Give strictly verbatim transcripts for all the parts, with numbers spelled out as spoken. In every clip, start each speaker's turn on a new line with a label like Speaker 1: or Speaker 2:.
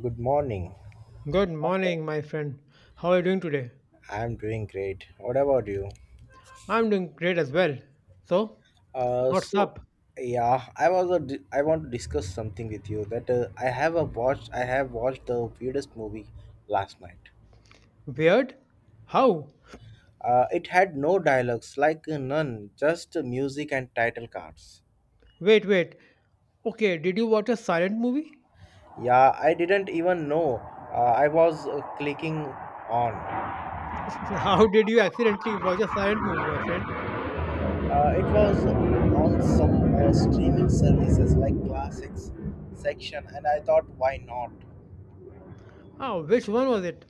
Speaker 1: Good morning, my
Speaker 2: Good
Speaker 1: friend.
Speaker 2: morning, my friend. How are you doing today?
Speaker 1: I'm doing great. What about you?
Speaker 2: I'm doing great as well. So,
Speaker 1: Uh,
Speaker 2: what's
Speaker 1: so
Speaker 2: up?
Speaker 1: yeah, I was a di- I want to discuss something with you that uh, I have a watched I have watched the weirdest movie last night.
Speaker 2: Weird? How?
Speaker 1: Uh, it had no dialogues, like uh, none, just uh, music and title cards.
Speaker 2: Wait, wait. Okay, did you watch a silent movie?
Speaker 1: Yeah, I didn't even know uh, I was uh, clicking on.
Speaker 2: How did you accidentally watch a silent movie, my friend?
Speaker 1: Uh, it was on some uh, streaming services like classics section, and I thought, why not?
Speaker 2: Oh, which one was it,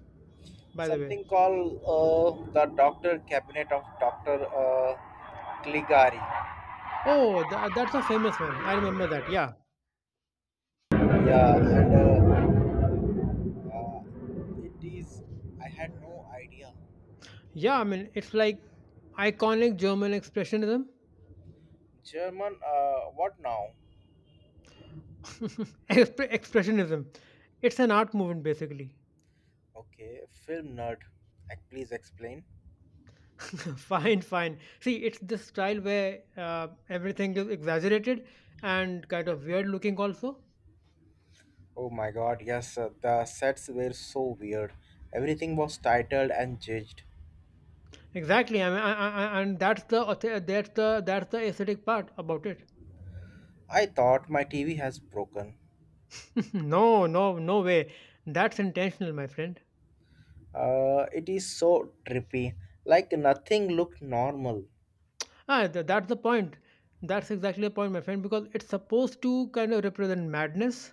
Speaker 2: by the way?
Speaker 1: Something called uh, the doctor cabinet of doctor Uh, Caligari.
Speaker 2: Oh, tha that's a famous one. I remember that. Yeah.
Speaker 1: Yeah, and uh, uh, it is. I had no idea.
Speaker 2: Yeah, I mean, it's like iconic German expressionism.
Speaker 1: German. Uh, what now?
Speaker 2: Expre- expressionism. It's an art movement, basically.
Speaker 1: Okay, film nerd. Ac- Please explain.
Speaker 2: Fine, fine. See, it's this style where uh, everything is exaggerated and kind of weird looking also.
Speaker 1: Oh my God! Yes, uh, the sets were so weird. Everything was titled and judged.
Speaker 2: Exactly. I mean, I, I, I- and that's the auth- that's the that's the aesthetic part about it.
Speaker 1: I thought my T V has broken.
Speaker 2: No, no, no way, that's intentional, my friend.
Speaker 1: Uh, it is so trippy. Like nothing looked normal.
Speaker 2: Ah, th- that's the point. That's exactly the point, my friend, because it's supposed to kind of represent madness.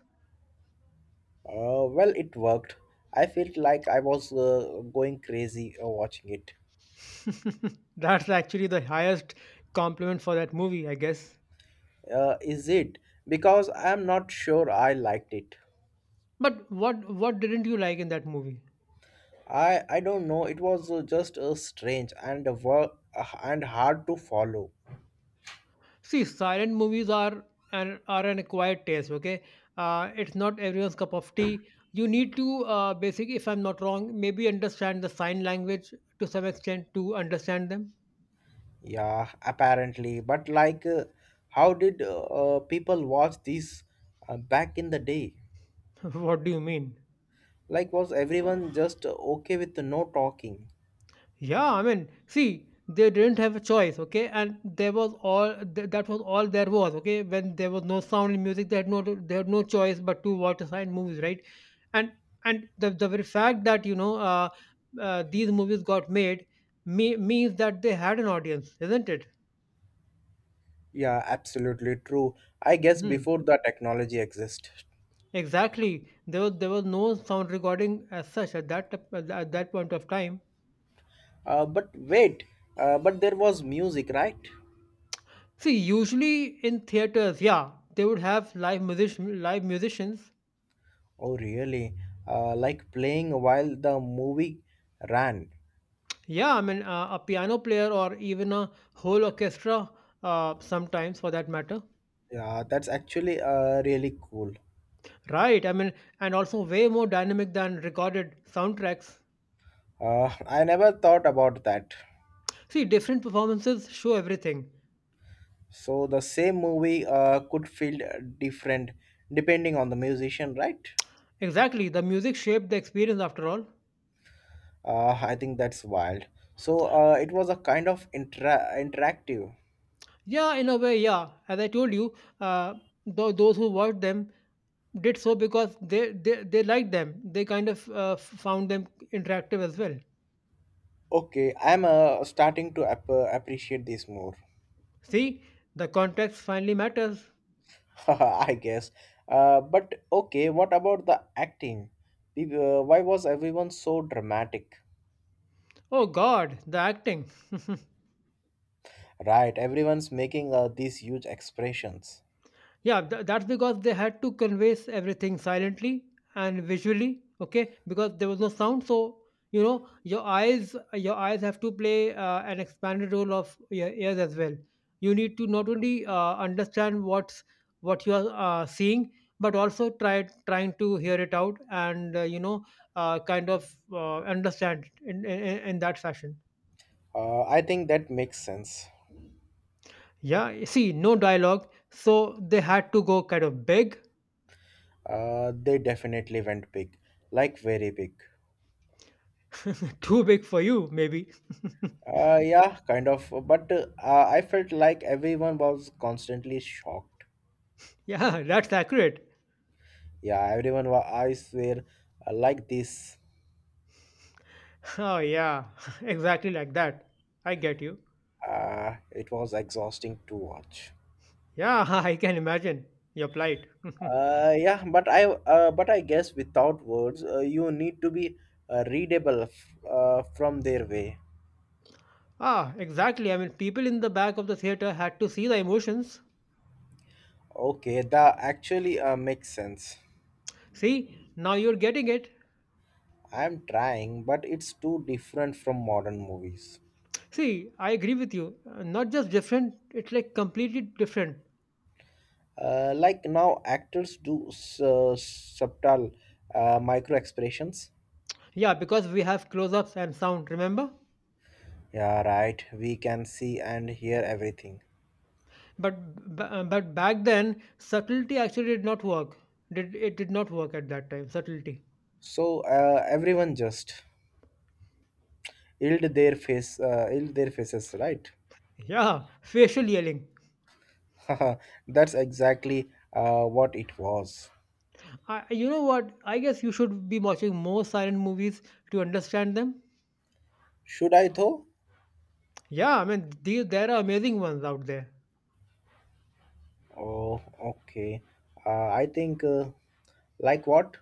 Speaker 1: Uh, well, it worked. I felt like I was uh, going crazy uh, watching it.
Speaker 2: That's actually the highest compliment for that movie, I guess.
Speaker 1: Uh, is it? Because I'm not sure I liked it.
Speaker 2: But what what didn't you like in that movie?
Speaker 1: I I don't know. It was uh, just uh, strange and work uh, and hard to follow.
Speaker 2: See, silent movies are an are an acquired taste. Okay, uh, it's not everyone's cup of tea. You need to uh, basically, if I'm not wrong, maybe understand the sign language to some extent to understand them.
Speaker 1: Yeah, apparently. But like, uh, how did uh, uh, people watch these uh, back in the day?
Speaker 2: What do you mean?
Speaker 1: Like, was everyone just uh, okay with no talking?
Speaker 2: Yeah, I mean, see, they didn't have a choice, okay? And there was all th- that was all there was, okay? When there was no sound in music, they had no they had no choice but to watch the silent movies, right? And and the the very fact that you know uh, uh, these movies got made me- means that they had an audience, isn't it?
Speaker 1: Yeah, absolutely true. I guess
Speaker 2: Hmm.
Speaker 1: before the technology existed.
Speaker 2: Exactly. There was there was no sound recording as such at that t- at that point of time.
Speaker 1: Uh, but wait, uh, but there was music, right?
Speaker 2: See, usually in theaters, yeah, they would have live musician live musicians.
Speaker 1: Oh, really? Uh, like playing while the movie ran.
Speaker 2: Yeah, I mean, uh, a piano player or even a whole orchestra, uh, sometimes for that matter.
Speaker 1: Yeah, that's actually uh, really cool.
Speaker 2: Right, I mean, and also way more dynamic than recorded soundtracks.
Speaker 1: Uh, I never thought about that.
Speaker 2: See, different performances show everything.
Speaker 1: So the same movie uh, could feel different depending on the musician, right?
Speaker 2: Exactly, the music shaped the experience after all.
Speaker 1: Uh, I think that's wild. So uh, it was a kind of intra- interactive.
Speaker 2: Yeah, in a way, yeah. As I told you, uh, th- those who watched them did so because they, they, they liked them. They kind of uh, f- found them interactive as well.
Speaker 1: Okay, I'm uh, starting to ap- appreciate this more.
Speaker 2: See, the context finally matters.
Speaker 1: I guess. Uh, but okay, what about the acting? Peop- uh, Why was everyone so dramatic?
Speaker 2: Oh God, the acting.
Speaker 1: Right, everyone's making uh, these huge expressions.
Speaker 2: Yeah, tha that's because they had to convey s- everything silently and visually, okay? Because there was no sound, so you know your eyes your eyes have to play uh, an expanded role of your ears as well. You need to not only uh, understand what's what you are uh, seeing, but also try trying to hear it out and uh, you know uh, kind of uh, understand it in, in in in that fashion.
Speaker 1: Uh, I think that makes sense.
Speaker 2: Yeah, you see, no dialogue, so they had to go kind of big.
Speaker 1: Uh, they definitely went big, like very big.
Speaker 2: Too big for you, maybe.
Speaker 1: Uh, yeah, kind of. But uh, I felt like everyone was constantly shocked.
Speaker 2: Yeah, that's accurate.
Speaker 1: Yeah, everyone was, I swear, uh, like this.
Speaker 2: Oh, yeah, exactly like that. I get you.
Speaker 1: Uh, it was exhausting to watch.
Speaker 2: Yeah, I can imagine your plight.
Speaker 1: Uh, yeah, but I uh, but I guess without words, uh, you need to be uh, readable f- uh, from their way.
Speaker 2: Ah, exactly. I mean, people in the back of the theater had to see the emotions.
Speaker 1: Okay, that actually uh, makes sense.
Speaker 2: See, now you're getting it.
Speaker 1: I'm trying, but it's too different from modern movies.
Speaker 2: See, I agree with you. Uh, Not just different, it's like completely different.
Speaker 1: Uh, like now, actors do s- uh, subtle uh, micro expressions.
Speaker 2: Yeah, because we have close ups and sound, remember?
Speaker 1: Yeah, right. We can see and hear everything.
Speaker 2: But, b- uh, but back then, subtlety actually did not work. Did, it did not work at that time, subtlety.
Speaker 1: So uh, everyone just yield their face, uh, yield their faces, right?
Speaker 2: Yeah, facial yelling.
Speaker 1: Haha, that's exactly uh, what it was.
Speaker 2: I, you know what? I guess you should be watching more silent movies to understand them.
Speaker 1: Should I though?
Speaker 2: Yeah, I mean, these, there are amazing ones out there.
Speaker 1: Oh, okay. Uh, I think, uh, like what?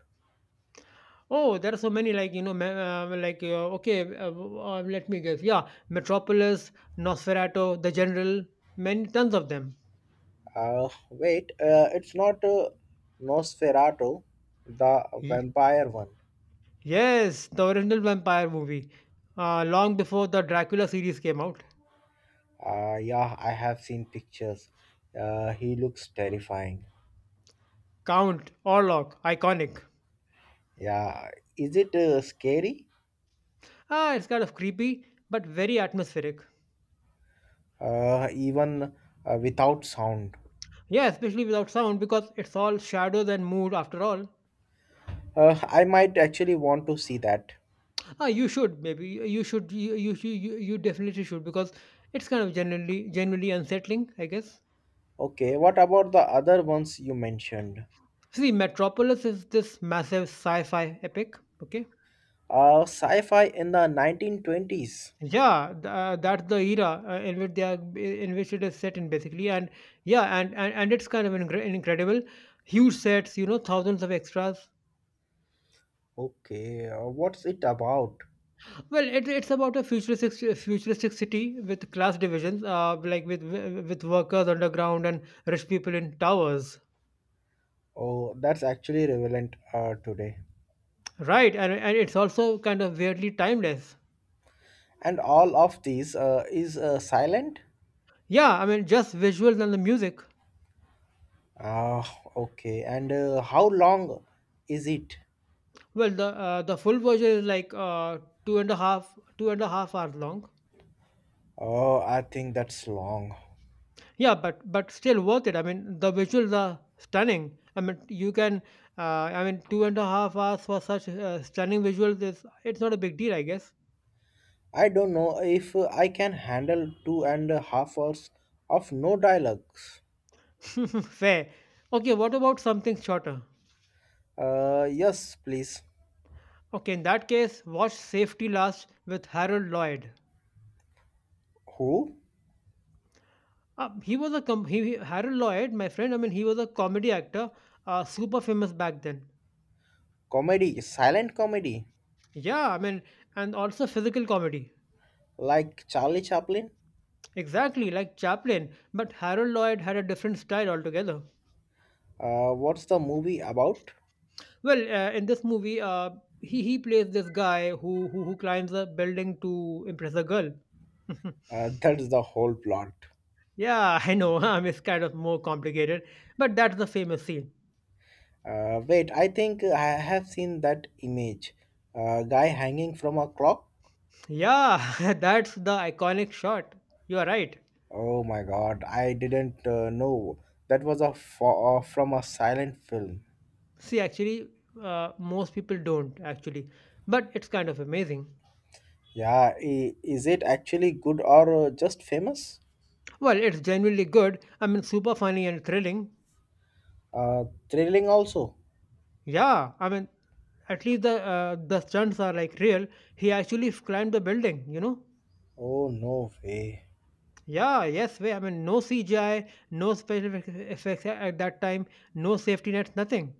Speaker 2: Oh, there are so many, like, you know, ma- uh, like, uh, okay, uh, uh, let me guess. Yeah, Metropolis, Nosferatu, The General, many, tons of them.
Speaker 1: Uh, wait, uh, it's not uh, Nosferatu, the
Speaker 2: Ye-
Speaker 1: vampire one.
Speaker 2: Yes, the original vampire movie, uh, long before the Dracula series came out.
Speaker 1: Uh, yeah, I have seen pictures. Uh, he looks terrifying.
Speaker 2: Count, Orlok, iconic.
Speaker 1: Yeah, is it uh, scary?
Speaker 2: Ah, it's kind of creepy, but very atmospheric.
Speaker 1: Uh, even uh, without sound.
Speaker 2: Yeah, especially without sound because it's all shadows and mood after all.
Speaker 1: Uh, I might actually want to see that.
Speaker 2: Ah, you should maybe you should you you you, you you definitely should because it's kind of generally generally unsettling, I guess.
Speaker 1: Okay, what about the other ones you mentioned?
Speaker 2: See, Metropolis is this massive sci-fi epic. Okay,
Speaker 1: Uh, sci-fi in the nineteen twenties.
Speaker 2: yeah, th- uh, that's the era uh, in which they are in which it is set in basically, and yeah, and and, and it's kind of incre- incredible, huge sets, you know, thousands of extras.
Speaker 1: Okay, uh, what's it about?
Speaker 2: Well, it, it's about a futuristic futuristic city with class divisions, uh, like with with workers underground and rich people in towers,
Speaker 1: Oh, that's actually relevant uh, today.
Speaker 2: right? And and it's also kind of weirdly timeless.
Speaker 1: And all of these uh, is uh, silent?
Speaker 2: Yeah, I mean, just visuals and the music.
Speaker 1: Ah, okay. And uh, how long is it?
Speaker 2: Well, the uh, the full version is like uh, two and a half two and a half hours long.
Speaker 1: Oh, I think that's long.
Speaker 2: Yeah, but but still worth it. I mean, the visuals are stunning. I mean, you can. Uh, I mean, two and a half hours for such uh, stunning visuals is it's not a big deal, I guess.
Speaker 1: I don't know if uh, I can handle two and a half hours of no dialogues.
Speaker 2: Fair. Okay, what about something shorter?
Speaker 1: Uh, yes, please.
Speaker 2: Okay, in that case, watch Safety Last with Harold Lloyd.
Speaker 1: Who?
Speaker 2: Uh, he was a com- he, he- Harold Lloyd, my friend. I mean, he was a comedy actor, uh, super famous back then.
Speaker 1: Comedy, silent comedy,
Speaker 2: Yeah, I mean, and also physical comedy.
Speaker 1: like Charlie Chaplin.
Speaker 2: Exactly, like Chaplin, but Harold Lloyd had a different style altogether.
Speaker 1: Uh, what's the movie about?
Speaker 2: Well, uh, in this movie, uh, he he plays this guy who who who climbs a building to impress a girl.
Speaker 1: Uh, that's the whole plot.
Speaker 2: Yeah, I know. I'm it's kind of more complicated, but that's the famous scene.
Speaker 1: Uh, wait, I think I have seen that image. A guy hanging from a clock.
Speaker 2: Yeah, that's the iconic shot. You are right.
Speaker 1: Oh my god, I didn't uh, know that was a fo- uh, from a silent film.
Speaker 2: See, actually, uh, most people don't actually, but it's kind of amazing.
Speaker 1: Yeah, i- is it actually good or uh, just famous?
Speaker 2: Well, it's genuinely good. I mean, super funny and thrilling.
Speaker 1: Uh, Thrilling also.
Speaker 2: Yeah, I mean, at least the uh, the stunts are like real. He actually climbed the building. You know.
Speaker 1: Oh no way.
Speaker 2: Yeah, yes, way. I mean, no C G I, no special effects at that time, no safety nets, nothing.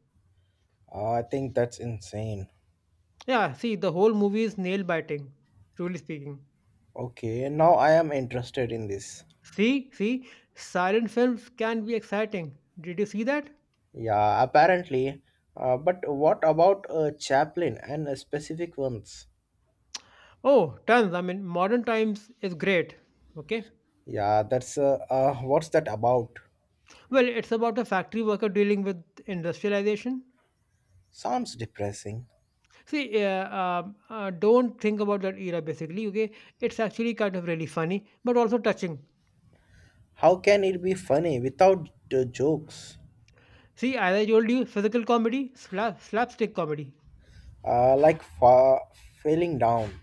Speaker 1: Uh, I think that's insane.
Speaker 2: Yeah, see, the whole movie is nail biting, truly speaking.
Speaker 1: Okay, now I am interested in this.
Speaker 2: See, see, silent films can be exciting. Did you see that?
Speaker 1: Yeah, apparently. Uh, but what about uh, Chaplin and uh, specific ones?
Speaker 2: Oh, tons. I mean, modern times is great. Okay.
Speaker 1: Yeah, that's uh, uh, what's that about?
Speaker 2: Well, it's about a factory worker dealing with industrialization.
Speaker 1: Sounds depressing.
Speaker 2: See, uh, um, uh, don't think about that era basically. Okay. It's actually kind of really funny, but also touching.
Speaker 1: How can it be funny without the jokes?
Speaker 2: See, as I told you, physical comedy, slap, slapstick comedy.
Speaker 1: Uh, like fa- failing down.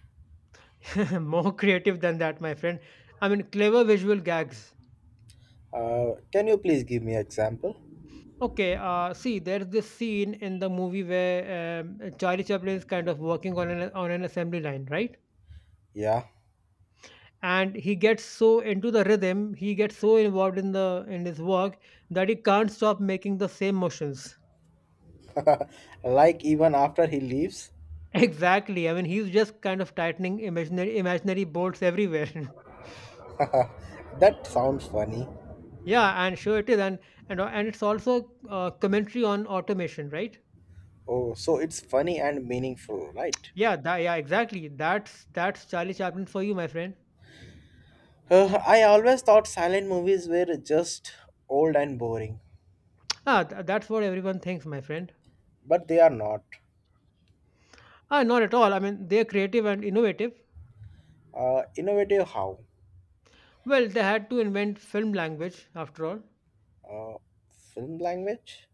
Speaker 2: More creative than that, my friend. I mean, clever visual gags.
Speaker 1: Uh, can you please give me an example?
Speaker 2: Okay, uh, see, there's this scene in the movie where um, Charlie Chaplin is kind of working on an on an assembly line, right?
Speaker 1: Yeah,
Speaker 2: And he gets so into the rhythm, he gets so involved in the in his work that he can't stop making the same motions.
Speaker 1: like even after he leaves.
Speaker 2: Exactly. I mean, he's just kind of tightening imaginary imaginary bolts everywhere.
Speaker 1: That sounds funny.
Speaker 2: Yeah, and sure it is, and and and it's also uh, commentary on automation, right?
Speaker 1: Oh, so it's funny and meaningful, right?
Speaker 2: Yeah, that, yeah, exactly. That's that's Charlie Chaplin for you, my friend.
Speaker 1: Uh, I always thought silent movies were just old and boring,
Speaker 2: Ah, th- that's what everyone thinks, my friend.
Speaker 1: but they are not.
Speaker 2: Ah, not at all. I mean, they're creative and innovative.
Speaker 1: Uh, innovative how?
Speaker 2: Well, they had to invent film language after all.
Speaker 1: Uh, Film language?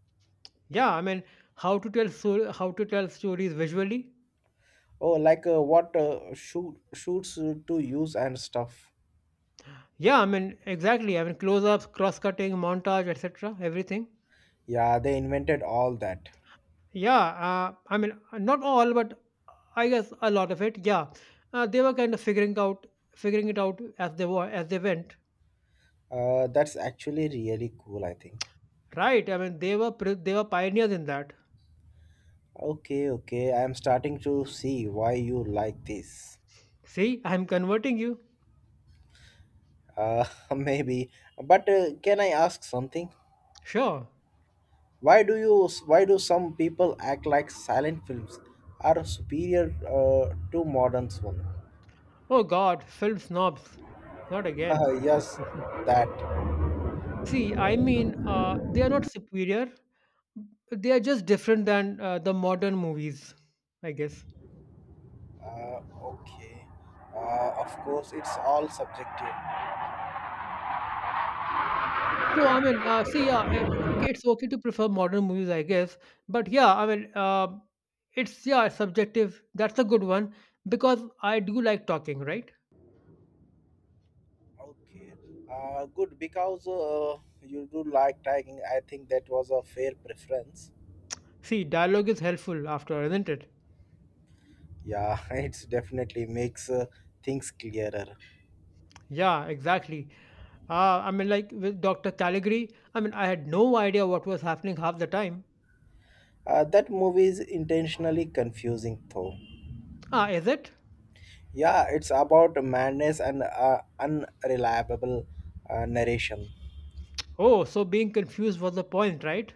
Speaker 2: Yeah, I mean, how to tell so- how to tell stories visually.
Speaker 1: Oh, like uh, what uh, shoot, shoots to use and stuff.
Speaker 2: Yeah, I mean, exactly. I mean, close-ups, cross-cutting, montage, et cetera. Everything.
Speaker 1: Yeah, they invented all that.
Speaker 2: Yeah, uh, I mean, not all, but I guess a lot of it. Yeah, uh, they were kind of figuring out, figuring it out as they were as they went.
Speaker 1: Uh, that's actually really cool, I think.
Speaker 2: Right. I mean, they were pri- they were pioneers in that.
Speaker 1: Okay, okay, I'm starting to see why you like this.
Speaker 2: See, I'm converting you.
Speaker 1: Uh, maybe. But uh, can I ask something?
Speaker 2: Sure.
Speaker 1: Why do you? Why do some people act like silent films are superior uh, to modern one?
Speaker 2: Oh God, film snobs. Not again.
Speaker 1: Uh, yes, that.
Speaker 2: See, I mean, uh, they are not superior. They are just different than uh, the modern movies, I guess.
Speaker 1: Uh, okay. Uh, of course, it's all subjective.
Speaker 2: So, I mean, uh, see, yeah, uh, it's okay to prefer modern movies, I guess. But yeah, I mean, uh, it's, yeah, subjective. That's a good one because I do like talking, right?
Speaker 1: Okay. Uh, good because uh, you do like tagging. I think that was a fair preference.
Speaker 2: See, dialogue is helpful after, isn't it?
Speaker 1: Yeah, it's definitely makes uh, things clearer.
Speaker 2: Yeah, exactly. Uh, I mean, like with Doctor Caligari, I mean, I had no idea what was happening half the time.
Speaker 1: Uh, that movie is intentionally confusing, though.
Speaker 2: Ah, is it?
Speaker 1: Yeah, it's about madness and uh, unreliable uh, narration.
Speaker 2: Oh, so being confused was the point, right?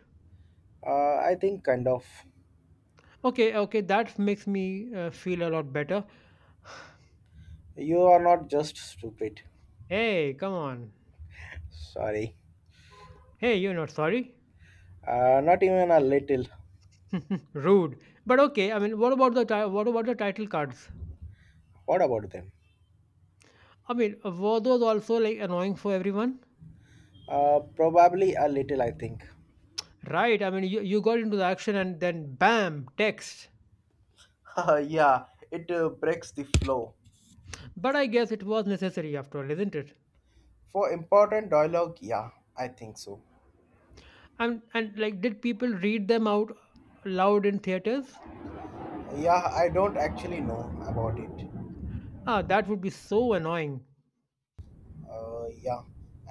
Speaker 1: Uh, I think kind of.
Speaker 2: Okay, okay, that makes me uh, feel a lot better.
Speaker 1: You are not just stupid.
Speaker 2: Hey, come on.
Speaker 1: Sorry.
Speaker 2: Hey, you're not sorry?
Speaker 1: Uh, not even a little.
Speaker 2: Rude. But okay, I mean, what about the ti- what about the title cards?
Speaker 1: What about them?
Speaker 2: I mean, were those also like annoying for everyone?
Speaker 1: Uh, probably a little, I think.
Speaker 2: Right, I mean, you, you got into the action and then bam, text.
Speaker 1: Yeah, it uh, breaks the flow.
Speaker 2: But I guess it was necessary after all, isn't it?
Speaker 1: For important dialogue, yeah, I think so.
Speaker 2: And and like, did people read them out loud in theaters?
Speaker 1: Yeah, I don't actually know about it.
Speaker 2: Ah, that would be so annoying.
Speaker 1: Uh, yeah,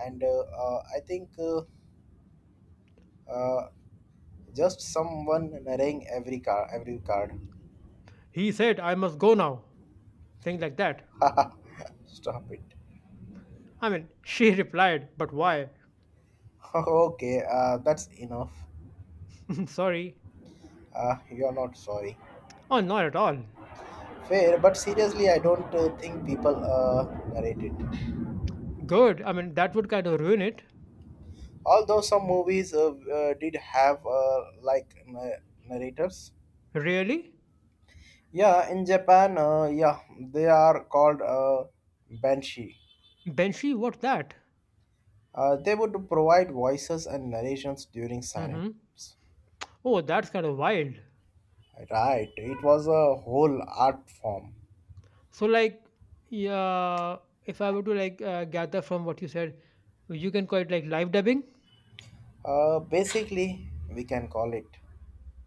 Speaker 1: and uh, uh, I think uh, uh, Just someone narrating every card, every card.
Speaker 2: He said, I must go now. Things like that.
Speaker 1: Stop it.
Speaker 2: I mean, she replied, But why?
Speaker 1: Okay, uh, that's enough.
Speaker 2: Sorry.
Speaker 1: Uh, you're not sorry.
Speaker 2: Oh, not at all.
Speaker 1: Fair, but seriously, I don't uh, think people uh, narrate it.
Speaker 2: Good. I mean, that would kind of ruin it.
Speaker 1: Although some movies uh, uh, did have uh, like na- narrators.
Speaker 2: Really?
Speaker 1: Yeah, in Japan, uh, yeah, they are called uh, banshee.
Speaker 2: Benshi, what's that?
Speaker 1: Uh, they would provide voices and narrations during
Speaker 2: Mm-hmm.
Speaker 1: silence.
Speaker 2: Oh, that's kind of wild.
Speaker 1: Right, it was a whole art form.
Speaker 2: So, like, yeah, if I were to like uh, gather from what you said, you can call it like live dubbing.
Speaker 1: Uh, basically, we can call it.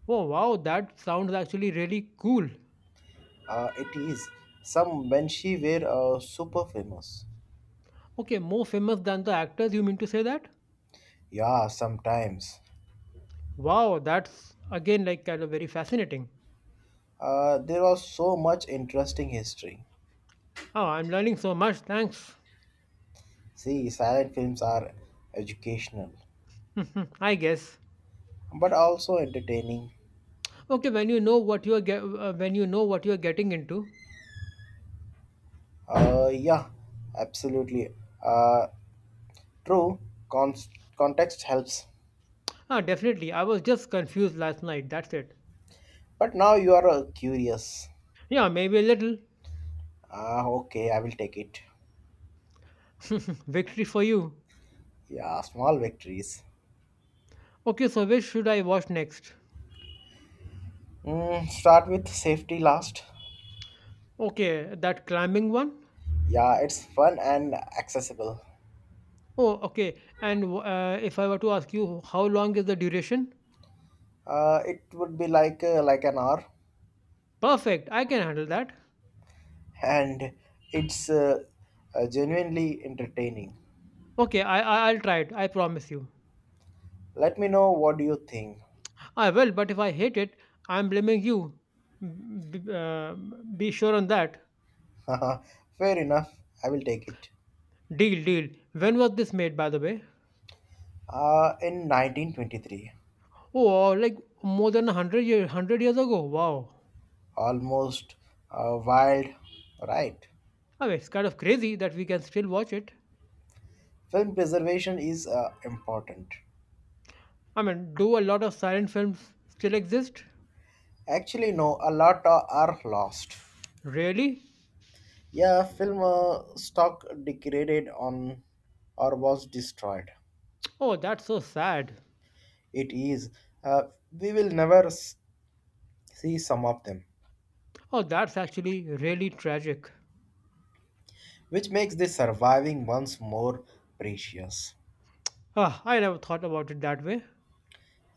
Speaker 2: Oh, wow, that sounds actually really cool.
Speaker 1: Uh, it is some when she were uh, super famous.
Speaker 2: Okay, more famous than the actors, you mean to say that?
Speaker 1: Yeah, sometimes.
Speaker 2: Wow, that's again like kind of very fascinating.
Speaker 1: Uh, there was so much interesting history.
Speaker 2: Oh, I'm learning so much. Thanks.
Speaker 1: See, silent films are educational,
Speaker 2: Mhm, I guess.
Speaker 1: but also entertaining.
Speaker 2: Okay, when you know what you're get, uh, when you know what you're getting into.
Speaker 1: Uh, yeah, absolutely. Uh, True, con- context helps.
Speaker 2: Ah, definitely. I was just confused last night. That's it.
Speaker 1: But now you are uh, curious.
Speaker 2: Yeah, maybe a little.
Speaker 1: Ah, okay, I will take it.
Speaker 2: Victory for you.
Speaker 1: Yeah, small victories.
Speaker 2: Okay, so which should I watch next?
Speaker 1: Mm, start with Safety Last.
Speaker 2: Okay, that climbing one.
Speaker 1: Yeah, it's fun and accessible.
Speaker 2: Oh, okay. And w- uh, if I were to ask you, how long is the duration?
Speaker 1: Uh, it would be like uh, like an hour,
Speaker 2: Perfect. I can handle that.
Speaker 1: and it's uh, uh, genuinely entertaining.
Speaker 2: Okay, I, I I'll try it. I promise you.
Speaker 1: Let me know what you think.
Speaker 2: I will. But if I hate it, I'm blaming you. B- b- uh, be sure on that.
Speaker 1: Fair enough, I will take it.
Speaker 2: Deal, deal. When was this made, by the way?
Speaker 1: Uh, in nineteen twenty-three,
Speaker 2: Oh, uh, like more than hundred year, hundred years ago. Wow.
Speaker 1: almost uh, wild, right?
Speaker 2: I mean, it's kind of crazy that we can still watch it.
Speaker 1: Film preservation is uh, important.
Speaker 2: I mean, do a lot of silent films still exist?
Speaker 1: Actually, no, a lot are are lost.
Speaker 2: Really?
Speaker 1: Yeah, film uh, stock degraded on or was destroyed.
Speaker 2: Oh, that's so sad.
Speaker 1: It is. Uh, we will never s- See some of them,
Speaker 2: Oh, that's actually really tragic.
Speaker 1: which makes the surviving ones more precious.
Speaker 2: Ah, I never thought about it that way.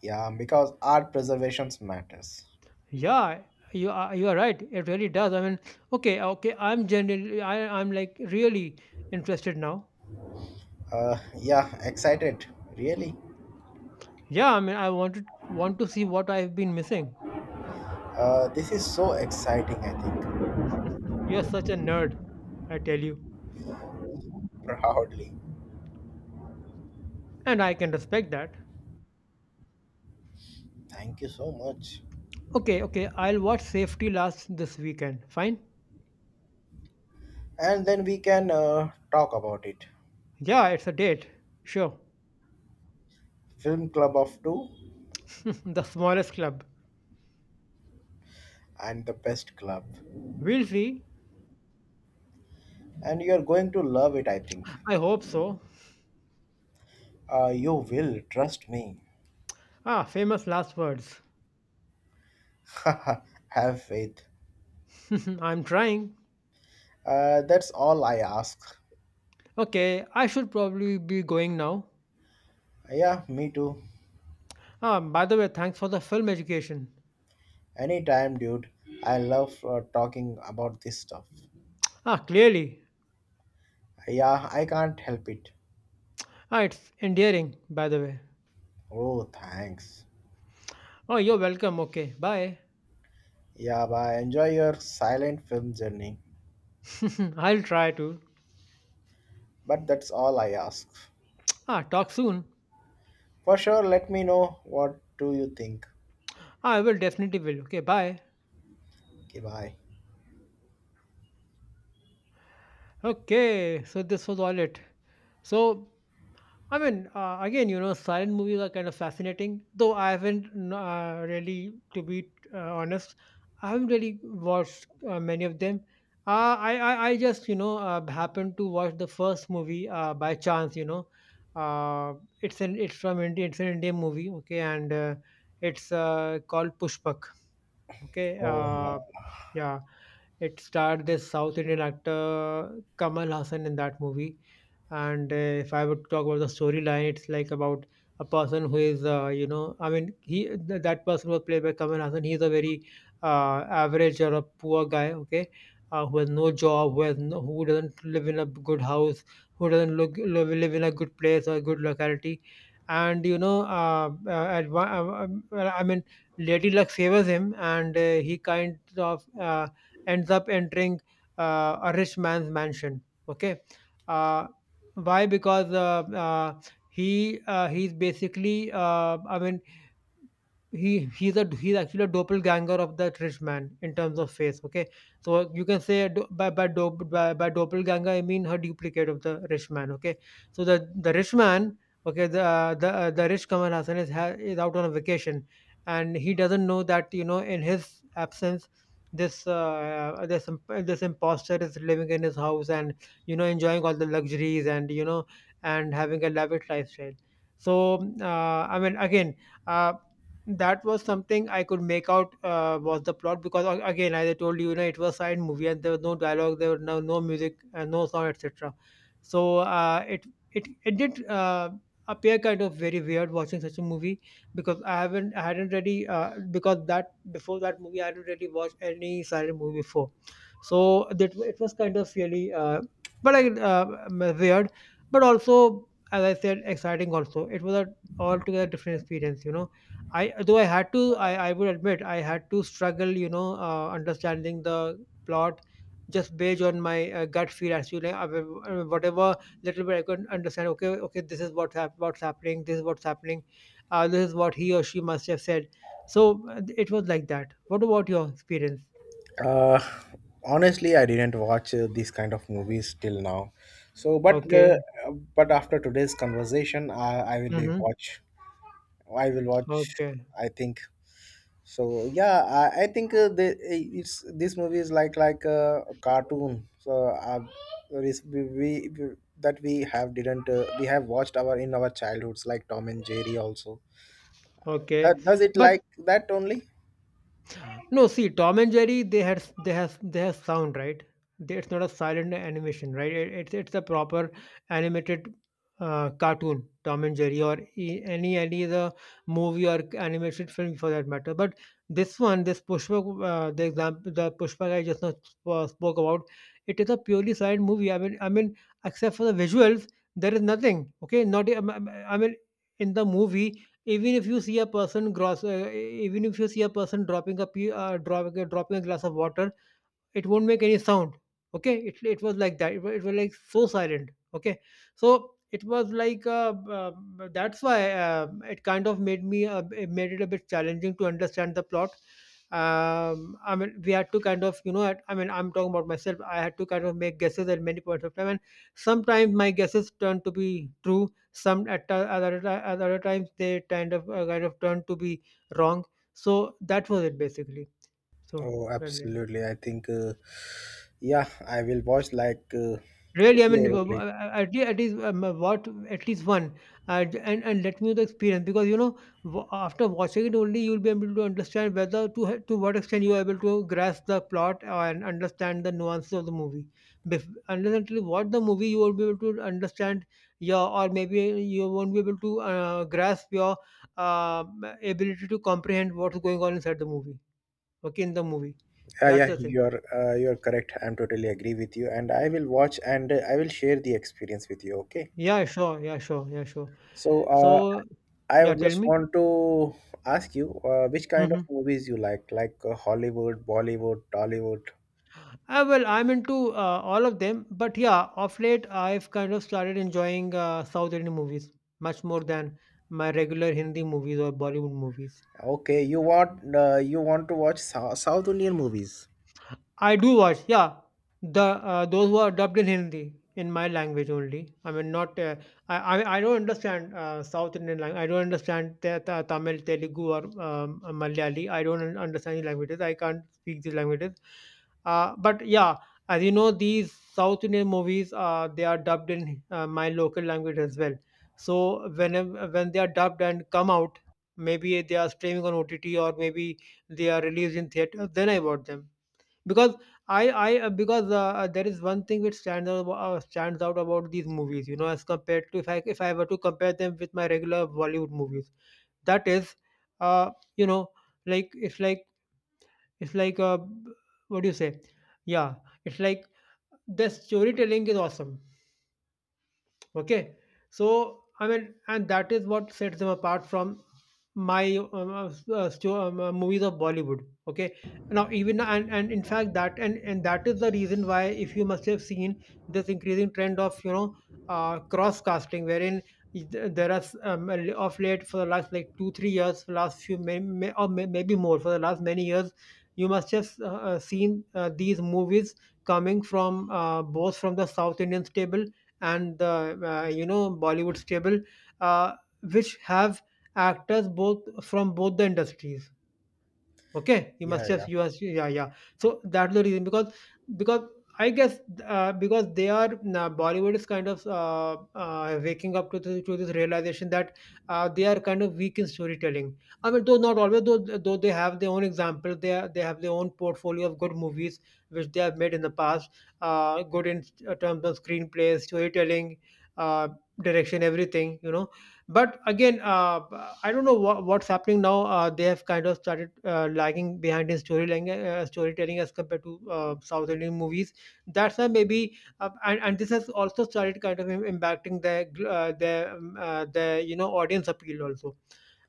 Speaker 1: Yeah, because art preservation matters.
Speaker 2: Yeah, you are you are right. It really does. I mean, okay, okay. I'm generally I I'm like really interested now.
Speaker 1: Uh, yeah, excited. Really?
Speaker 2: Yeah, I mean, I wanted want to see what I've been missing.
Speaker 1: Uh, this is so exciting, I think.
Speaker 2: You're such a nerd, I tell you.
Speaker 1: Proudly.
Speaker 2: And I can respect that.
Speaker 1: Thank you so much.
Speaker 2: Okay, okay, I'll watch Safety Last this weekend. Fine?
Speaker 1: And then we can uh, talk about it.
Speaker 2: Yeah, it's a date. Sure.
Speaker 1: Film Club of Two,
Speaker 2: The smallest club.
Speaker 1: and the Best Club.
Speaker 2: We'll see.
Speaker 1: And you're going to love it, I think.
Speaker 2: I hope so.
Speaker 1: Uh, you will, trust me.
Speaker 2: Ah, famous last words.
Speaker 1: Have faith.
Speaker 2: I'm trying.
Speaker 1: Uh, that's all I ask.
Speaker 2: Okay, I should probably be going now.
Speaker 1: Yeah, me too.
Speaker 2: Ah, by the way, thanks for the film education.
Speaker 1: Anytime, dude. I love uh, talking about this stuff.
Speaker 2: Ah, clearly.
Speaker 1: Yeah, I can't help it.
Speaker 2: Ah, it's endearing, by the way.
Speaker 1: Oh, thanks.
Speaker 2: Oh, you're welcome. Okay, bye.
Speaker 1: Yeah, bye. Enjoy your silent film journey.
Speaker 2: I'll try to.
Speaker 1: But that's all I ask.
Speaker 2: Ah, talk soon.
Speaker 1: For sure, let me know what do you think.
Speaker 2: I will definitely will. Okay, bye.
Speaker 1: Okay, bye.
Speaker 2: Okay, so this was all it. So, I mean, uh, Again, you know, silent movies are kind of fascinating, though I haven't n- uh, really, to be uh, honest, I haven't really watched uh, many of them. Uh, I, I, I just, you know, uh, happened to watch the first movie uh, by chance, you know. Uh, it's an it's from India, it's an Indian movie, okay, and uh, it's uh, called Pushpak, okay.
Speaker 1: Oh man.
Speaker 2: Uh, yeah, it starred this South Indian actor Kamal Hassan in that movie. And uh, if I would talk about the storyline, it's like about a person who is, uh, you know, I mean, he th- that person was played by Kamal Hassan. He's a very uh, average or a poor guy, okay, uh, who has no job, who has no, who doesn't live in a good house, who doesn't look live, live in a good place or a good locality. And you know, uh, uh, at one, uh, um, well, I mean, Lady Luck favors him, and uh, he kind of uh, ends up entering uh, a rich man's mansion. Okay, uh, why? Because uh, uh, he uh, he's basically uh, I mean he he's a he's actually a doppelganger of that rich man in terms of face. Okay, so you can say do- by by, do, by by doppelganger I mean her duplicate of the rich man. Okay, so the the rich man, okay, the uh, the uh, the rich Kamal Hassan is ha- is out on a vacation, and he doesn't know that, you know, in his absence this uh, this imp- this imposter is living in his house and, you know, enjoying all the luxuries and, you know, and having a lavish lifestyle. So uh, I mean again Uh, that was something I could make out uh, was the plot because, a- again, as I told you, you know, it was side movie and there was no dialogue, there was no no music, uh, no sound, et cetera. So uh, it it it did uh, appear kind of very weird watching such a movie because I haven't I hadn't really uh, because that before that movie I hadn't really watched any silent movie before, so that it was kind of really uh, but like uh, weird, but also, as I said, exciting. Also, it was a altogether different experience, you know. I though I had to I I would admit I had to struggle, you know, uh, understanding the plot just based on my uh, gut feel as to like uh, wh- uh, whatever little bit I could understand. Okay, okay, this is what's hap- what's happening. This is what's happening. Uh, this is what he or she must have said. So uh, it was like that. What about your experience?
Speaker 1: Uh, Honestly, I didn't watch uh, these kind of movies till now. So, but uh,
Speaker 2: Okay.
Speaker 1: but after today's conversation, I, I will
Speaker 2: Mm-hmm.
Speaker 1: watch. I will watch.
Speaker 2: Okay.
Speaker 1: I think so. Yeah, I, I think uh, the eh, it's this movie is like like uh, a cartoon. So uh, there is- we, we we- that we have didn't uh, we have watched our in our childhoods like Tom and Jerry also. Uh,
Speaker 2: Okay.
Speaker 1: does it
Speaker 2: But
Speaker 1: like that only?
Speaker 2: no, see, Tom and Jerry, they had they have they have sound, right? They- It's not a silent animation, right? It- It's it's a proper animated uh, cartoon, Tom and Jerry, or e- any any the movie or animated film for that matter. But this one, this Pushpa, uh, the example, the Pushpa guy just now sp- uh, spoke about, it is a purely silent movie. I mean, I mean, except for the visuals, there is nothing. Okay, not e- I mean, I mean, in the movie even if you see a person gross uh, even if you see a person dropping a pe- uh, dropping, dropping a glass of water, it won't make any sound. Okay, it, it was like that. It was, it was like so silent. Okay, so it was like uh, uh, that's why uh, it kind of made me uh, it made it a bit challenging to understand the plot. um, I mean, we had to kind of, you know, at- I mean, I'm talking about myself. I had to kind of make guesses at many points of time, and sometimes my guesses turned to be true. Some at o- other ti- at other times they kind of uh, kind of turned to be wrong. So that was it basically. So
Speaker 1: Oh,
Speaker 2: well,
Speaker 1: absolutely. I think uh, yeah, I will watch like. Uh,
Speaker 2: really, I mean,
Speaker 1: yeah,
Speaker 2: w-
Speaker 1: only.
Speaker 2: w- at least, at least um, uh, what at least one, uh, j- and and let me know the experience because, you know, w- after watching it only you'll be able to understand whether to h- to what extent you are able to grasp the plot and understand the nuances of the movie. Bef- unless until you watch the movie, you won't be able to understand your, or maybe you won't be able to uh, grasp your uh, ability to comprehend what's going on inside the movie. Okay, in the movie,
Speaker 1: Yeah,
Speaker 2: that's
Speaker 1: yeah,
Speaker 2: the thing.
Speaker 1: you're uh, you're correct. I'm totally agree with you, and I will watch and uh, I will share the experience with you. Okay.
Speaker 2: Yeah, sure. Yeah, sure. Yeah, sure.
Speaker 1: So, uh,
Speaker 2: So
Speaker 1: I
Speaker 2: yeah,
Speaker 1: would
Speaker 2: tell
Speaker 1: just
Speaker 2: me.
Speaker 1: want to ask you uh, which kind of
Speaker 2: Mhm.
Speaker 1: movies you like, like uh, Hollywood, Bollywood, Tollywood.
Speaker 2: Uh, well, I'm into uh, all of them, but yeah, of late I've kind of started enjoying uh, South Indian movies much more than my regular Hindi movies or Bollywood movies.
Speaker 1: Okay, you want uh, you want to watch Sou- South Indian movies.
Speaker 2: I do watch, yeah. The uh, those who are dubbed in Hindi in my language only. I mean, not uh, I, I. I don't understand uh, South Indian language. I don't understand Ta- Ta- Tamil, Telugu, or um, Malayali. I don't un- understand these languages. I can't speak these languages. Uh, but yeah, as you know, these South Indian movies uh, they are dubbed in uh, my local language as well. So when when they are dubbed and come out, maybe they are streaming on O T T or maybe they are released in theater. Then I watch them because I I uh, because uh, uh, there is one thing which stands out, uh, stands out about these movies, you know, as compared to if I if I were to compare them with my regular Bollywood movies, that is, uh, you know, like it's like it's like uh, what do you say? Yeah, it's like the storytelling is awesome. Okay, so I mean and that is what sets them apart from my um, uh, s- uh, sto- um, uh, movies of Bollywood. Okay, now even and and in fact that and and that is the reason why if you must have seen this increasing trend of, you know, uh, cross casting wherein th- there are s- um, a li- of late for the last like two three years for last few may, may, or may, maybe more for the last many years, you must have uh, uh, seen uh, these movies coming from uh, both from the South Indian stable and the uh, you know Bollywood stable, uh, which have actors both from both the industries. Okay, you must
Speaker 1: Yeah, yeah,
Speaker 2: just you must, yeah, yeah. So that's the reason because because I guess uh, because they are nah, Bollywood is kind of uh, uh, waking up to this, to this realization that uh, they are kind of weak in storytelling. I mean, though not always, though though they have their own example, they are, they have their own portfolio of good movies which they have made in the past. Uh, good in uh, terms of screenplay, storytelling, uh, direction, everything. You know, but again, uh, I don't know wha what's happening now. Uh, they have kind of started uh, lagging behind in storytelling, uh, storytelling as compared to uh, South Indian movies. That's why maybe, uh, and, and this has also started kind of im- impacting their gl- uh, their um, uh, their you know audience appeal also,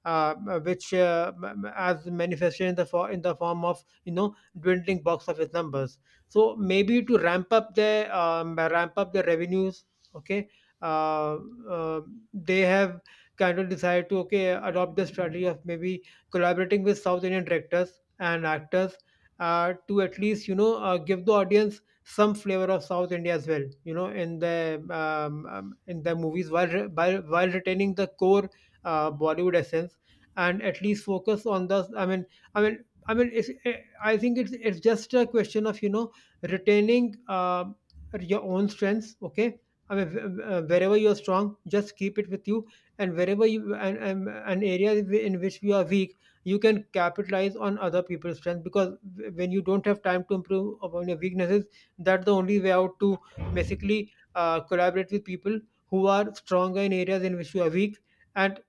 Speaker 2: uh, which uh, m- m- as manifested in the for, in the form of you know dwindling box office numbers. So maybe to ramp up the um, ramp up the revenues, okay, uh, uh, they have kind of decided to, okay, adopt the strategy of maybe collaborating with South Indian directors and actors, uh, to at least you know uh, give the audience some flavor of South India as well. You know, in the um, um, in the movies while re- while, while retaining the core uh, Bollywood essence and at least focus on the. I mean, I mean. I mean, it's, eh, I think it's it's just a question of you know retaining uh, your own strengths. Okay, I mean, wh- uh, wherever you're strong, just keep it with you, and wherever you and, and, and areas whi- in which you are weak, you can capitalize on other people's strength, because wh- when you don't have time to improve upon your weaknesses, that's the only way out, to basically uh, collaborate with people who are stronger in areas in which you are weak, and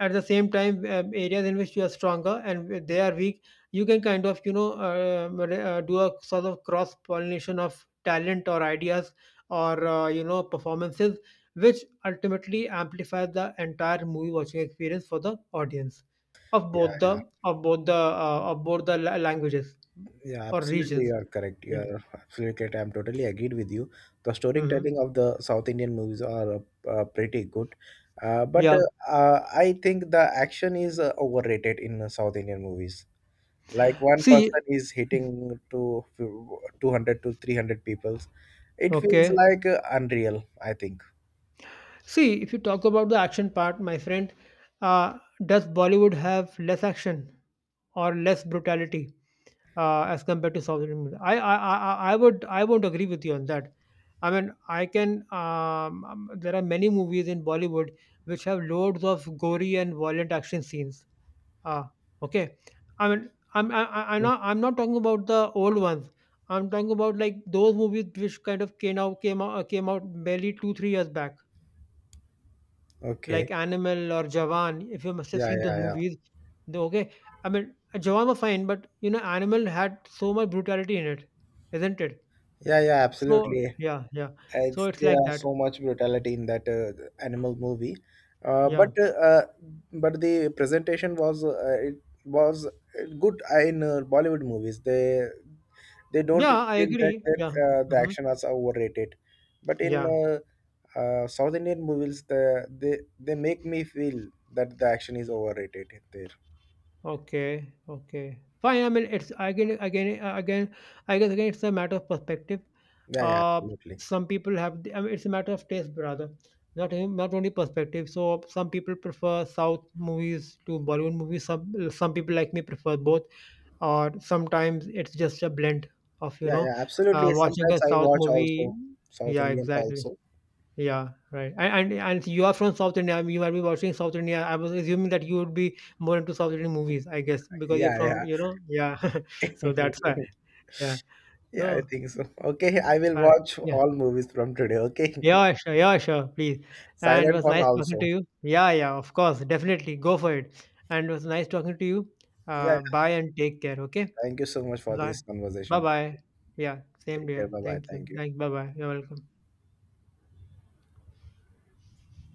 Speaker 2: at the same time, uh, areas in which you are stronger and where they are weak, you can kind of you know uh, re- uh, do a sort of cross pollination of talent or ideas, or uh, you know performances, which ultimately amplifies the entire movie watching experience for the audience of
Speaker 1: yeah,
Speaker 2: both the
Speaker 1: yeah,
Speaker 2: of both the uh, of both the la- languages
Speaker 1: yeah.
Speaker 2: or
Speaker 1: Absolutely, you
Speaker 2: regions.
Speaker 1: are correct. You
Speaker 2: Yeah.
Speaker 1: are absolutely correct. I'm totally agreed with you. The
Speaker 2: Hmm.
Speaker 1: storytelling of the South Indian movies are uh, uh, pretty good, uh, but
Speaker 2: Yeah,
Speaker 1: uh, uh, I think the action is uh, overrated in uh, South Indian movies. Like one
Speaker 2: see.
Speaker 1: person is hitting to two hundred to three hundred people. It feels
Speaker 2: Okay,
Speaker 1: like uh, unreal, I think.
Speaker 2: see, if you talk about the action part, my friend, uh, does Bollywood have less action or less brutality uh, as compared to South Indian? I, I I I I would I won't agree with you on that. I mean, I can. Um, um, there are many movies in Bollywood which have loads of gory and violent action scenes. Ah, okay. I mean, I'm I, I- I'm
Speaker 1: Mm.
Speaker 2: not I'm not talking about the old ones. I'm talking about like those movies which kind of came out came out came out barely two three years back.
Speaker 1: Okay.
Speaker 2: Like Animal or Jawan, if you must have
Speaker 1: Yeah,
Speaker 2: seen those
Speaker 1: yeah, yeah.
Speaker 2: movies, the- okay. I mean, uh, Jawan was fine, but you know, Animal had so much brutality in it, isn't it?
Speaker 1: Yeah, yeah,
Speaker 2: So
Speaker 1: absolutely.
Speaker 2: yeah, yeah. So
Speaker 1: It's
Speaker 2: it's
Speaker 1: there
Speaker 2: like
Speaker 1: are
Speaker 2: that.
Speaker 1: so much brutality in that uh, animal movie. Uh, but
Speaker 2: Yeah,
Speaker 1: uh, uh, but the presentation was uh, it was good in uh, Bollywood movies. They they don't
Speaker 2: yeah, I
Speaker 1: feel that,
Speaker 2: agree.
Speaker 1: that
Speaker 2: Yeah.
Speaker 1: uh, the
Speaker 2: Hmm.
Speaker 1: action was overrated. But in
Speaker 2: Yeah.
Speaker 1: uh, uh, South Indian movies, the, they they make me feel that the action is overrated there.
Speaker 2: Okay, okay, fine. I mean, it's again, again, uh, again. I guess again, it's a matter of perspective.
Speaker 1: Yeah, yeah,
Speaker 2: uh,
Speaker 1: absolutely.
Speaker 2: some people have, I mean, it's a matter of taste, brother, not even- not only perspective. So some people prefer south movies to Bollywood movies, some some people like me prefer both, or sometimes it's just a blend of, you
Speaker 1: Yeah,
Speaker 2: know,
Speaker 1: yeah,
Speaker 2: uh,
Speaker 1: absolutely.
Speaker 2: watching
Speaker 1: Sometimes
Speaker 2: a
Speaker 1: I
Speaker 2: south
Speaker 1: watch
Speaker 2: movie.
Speaker 1: also South
Speaker 2: Yeah,
Speaker 1: Indians
Speaker 2: exactly.
Speaker 1: also.
Speaker 2: Yeah, right. And, and and you are from South India. I mean, you might be watching South India. I was assuming that you would be more into South Indian movies, I guess, because you're
Speaker 1: Yeah,
Speaker 2: from,
Speaker 1: yeah.
Speaker 2: you know. Yeah. So that's why. Yeah.
Speaker 1: Yeah, I
Speaker 2: So,
Speaker 1: think so. Okay, I will
Speaker 2: uh,
Speaker 1: watch
Speaker 2: yeah.
Speaker 1: all movies from today, okay?
Speaker 2: Yeah, sure. Yeah, sure, please. And it
Speaker 1: Silent
Speaker 2: was
Speaker 1: one
Speaker 2: nice talking to
Speaker 1: also.
Speaker 2: you. Yeah, yeah, of course, definitely. Go for it. And it was nice talking to you.
Speaker 1: Yeah,
Speaker 2: Uh,
Speaker 1: yeah.
Speaker 2: bye and take care. Okay.
Speaker 1: Thank you so much for this
Speaker 2: Bye
Speaker 1: conversation. Thank
Speaker 2: bye.
Speaker 1: you.
Speaker 2: Yeah. Same,
Speaker 1: Take care.
Speaker 2: dear.
Speaker 1: Bye bye.
Speaker 2: Thank you.
Speaker 1: Thank you.
Speaker 2: Thank, bye bye. You're welcome.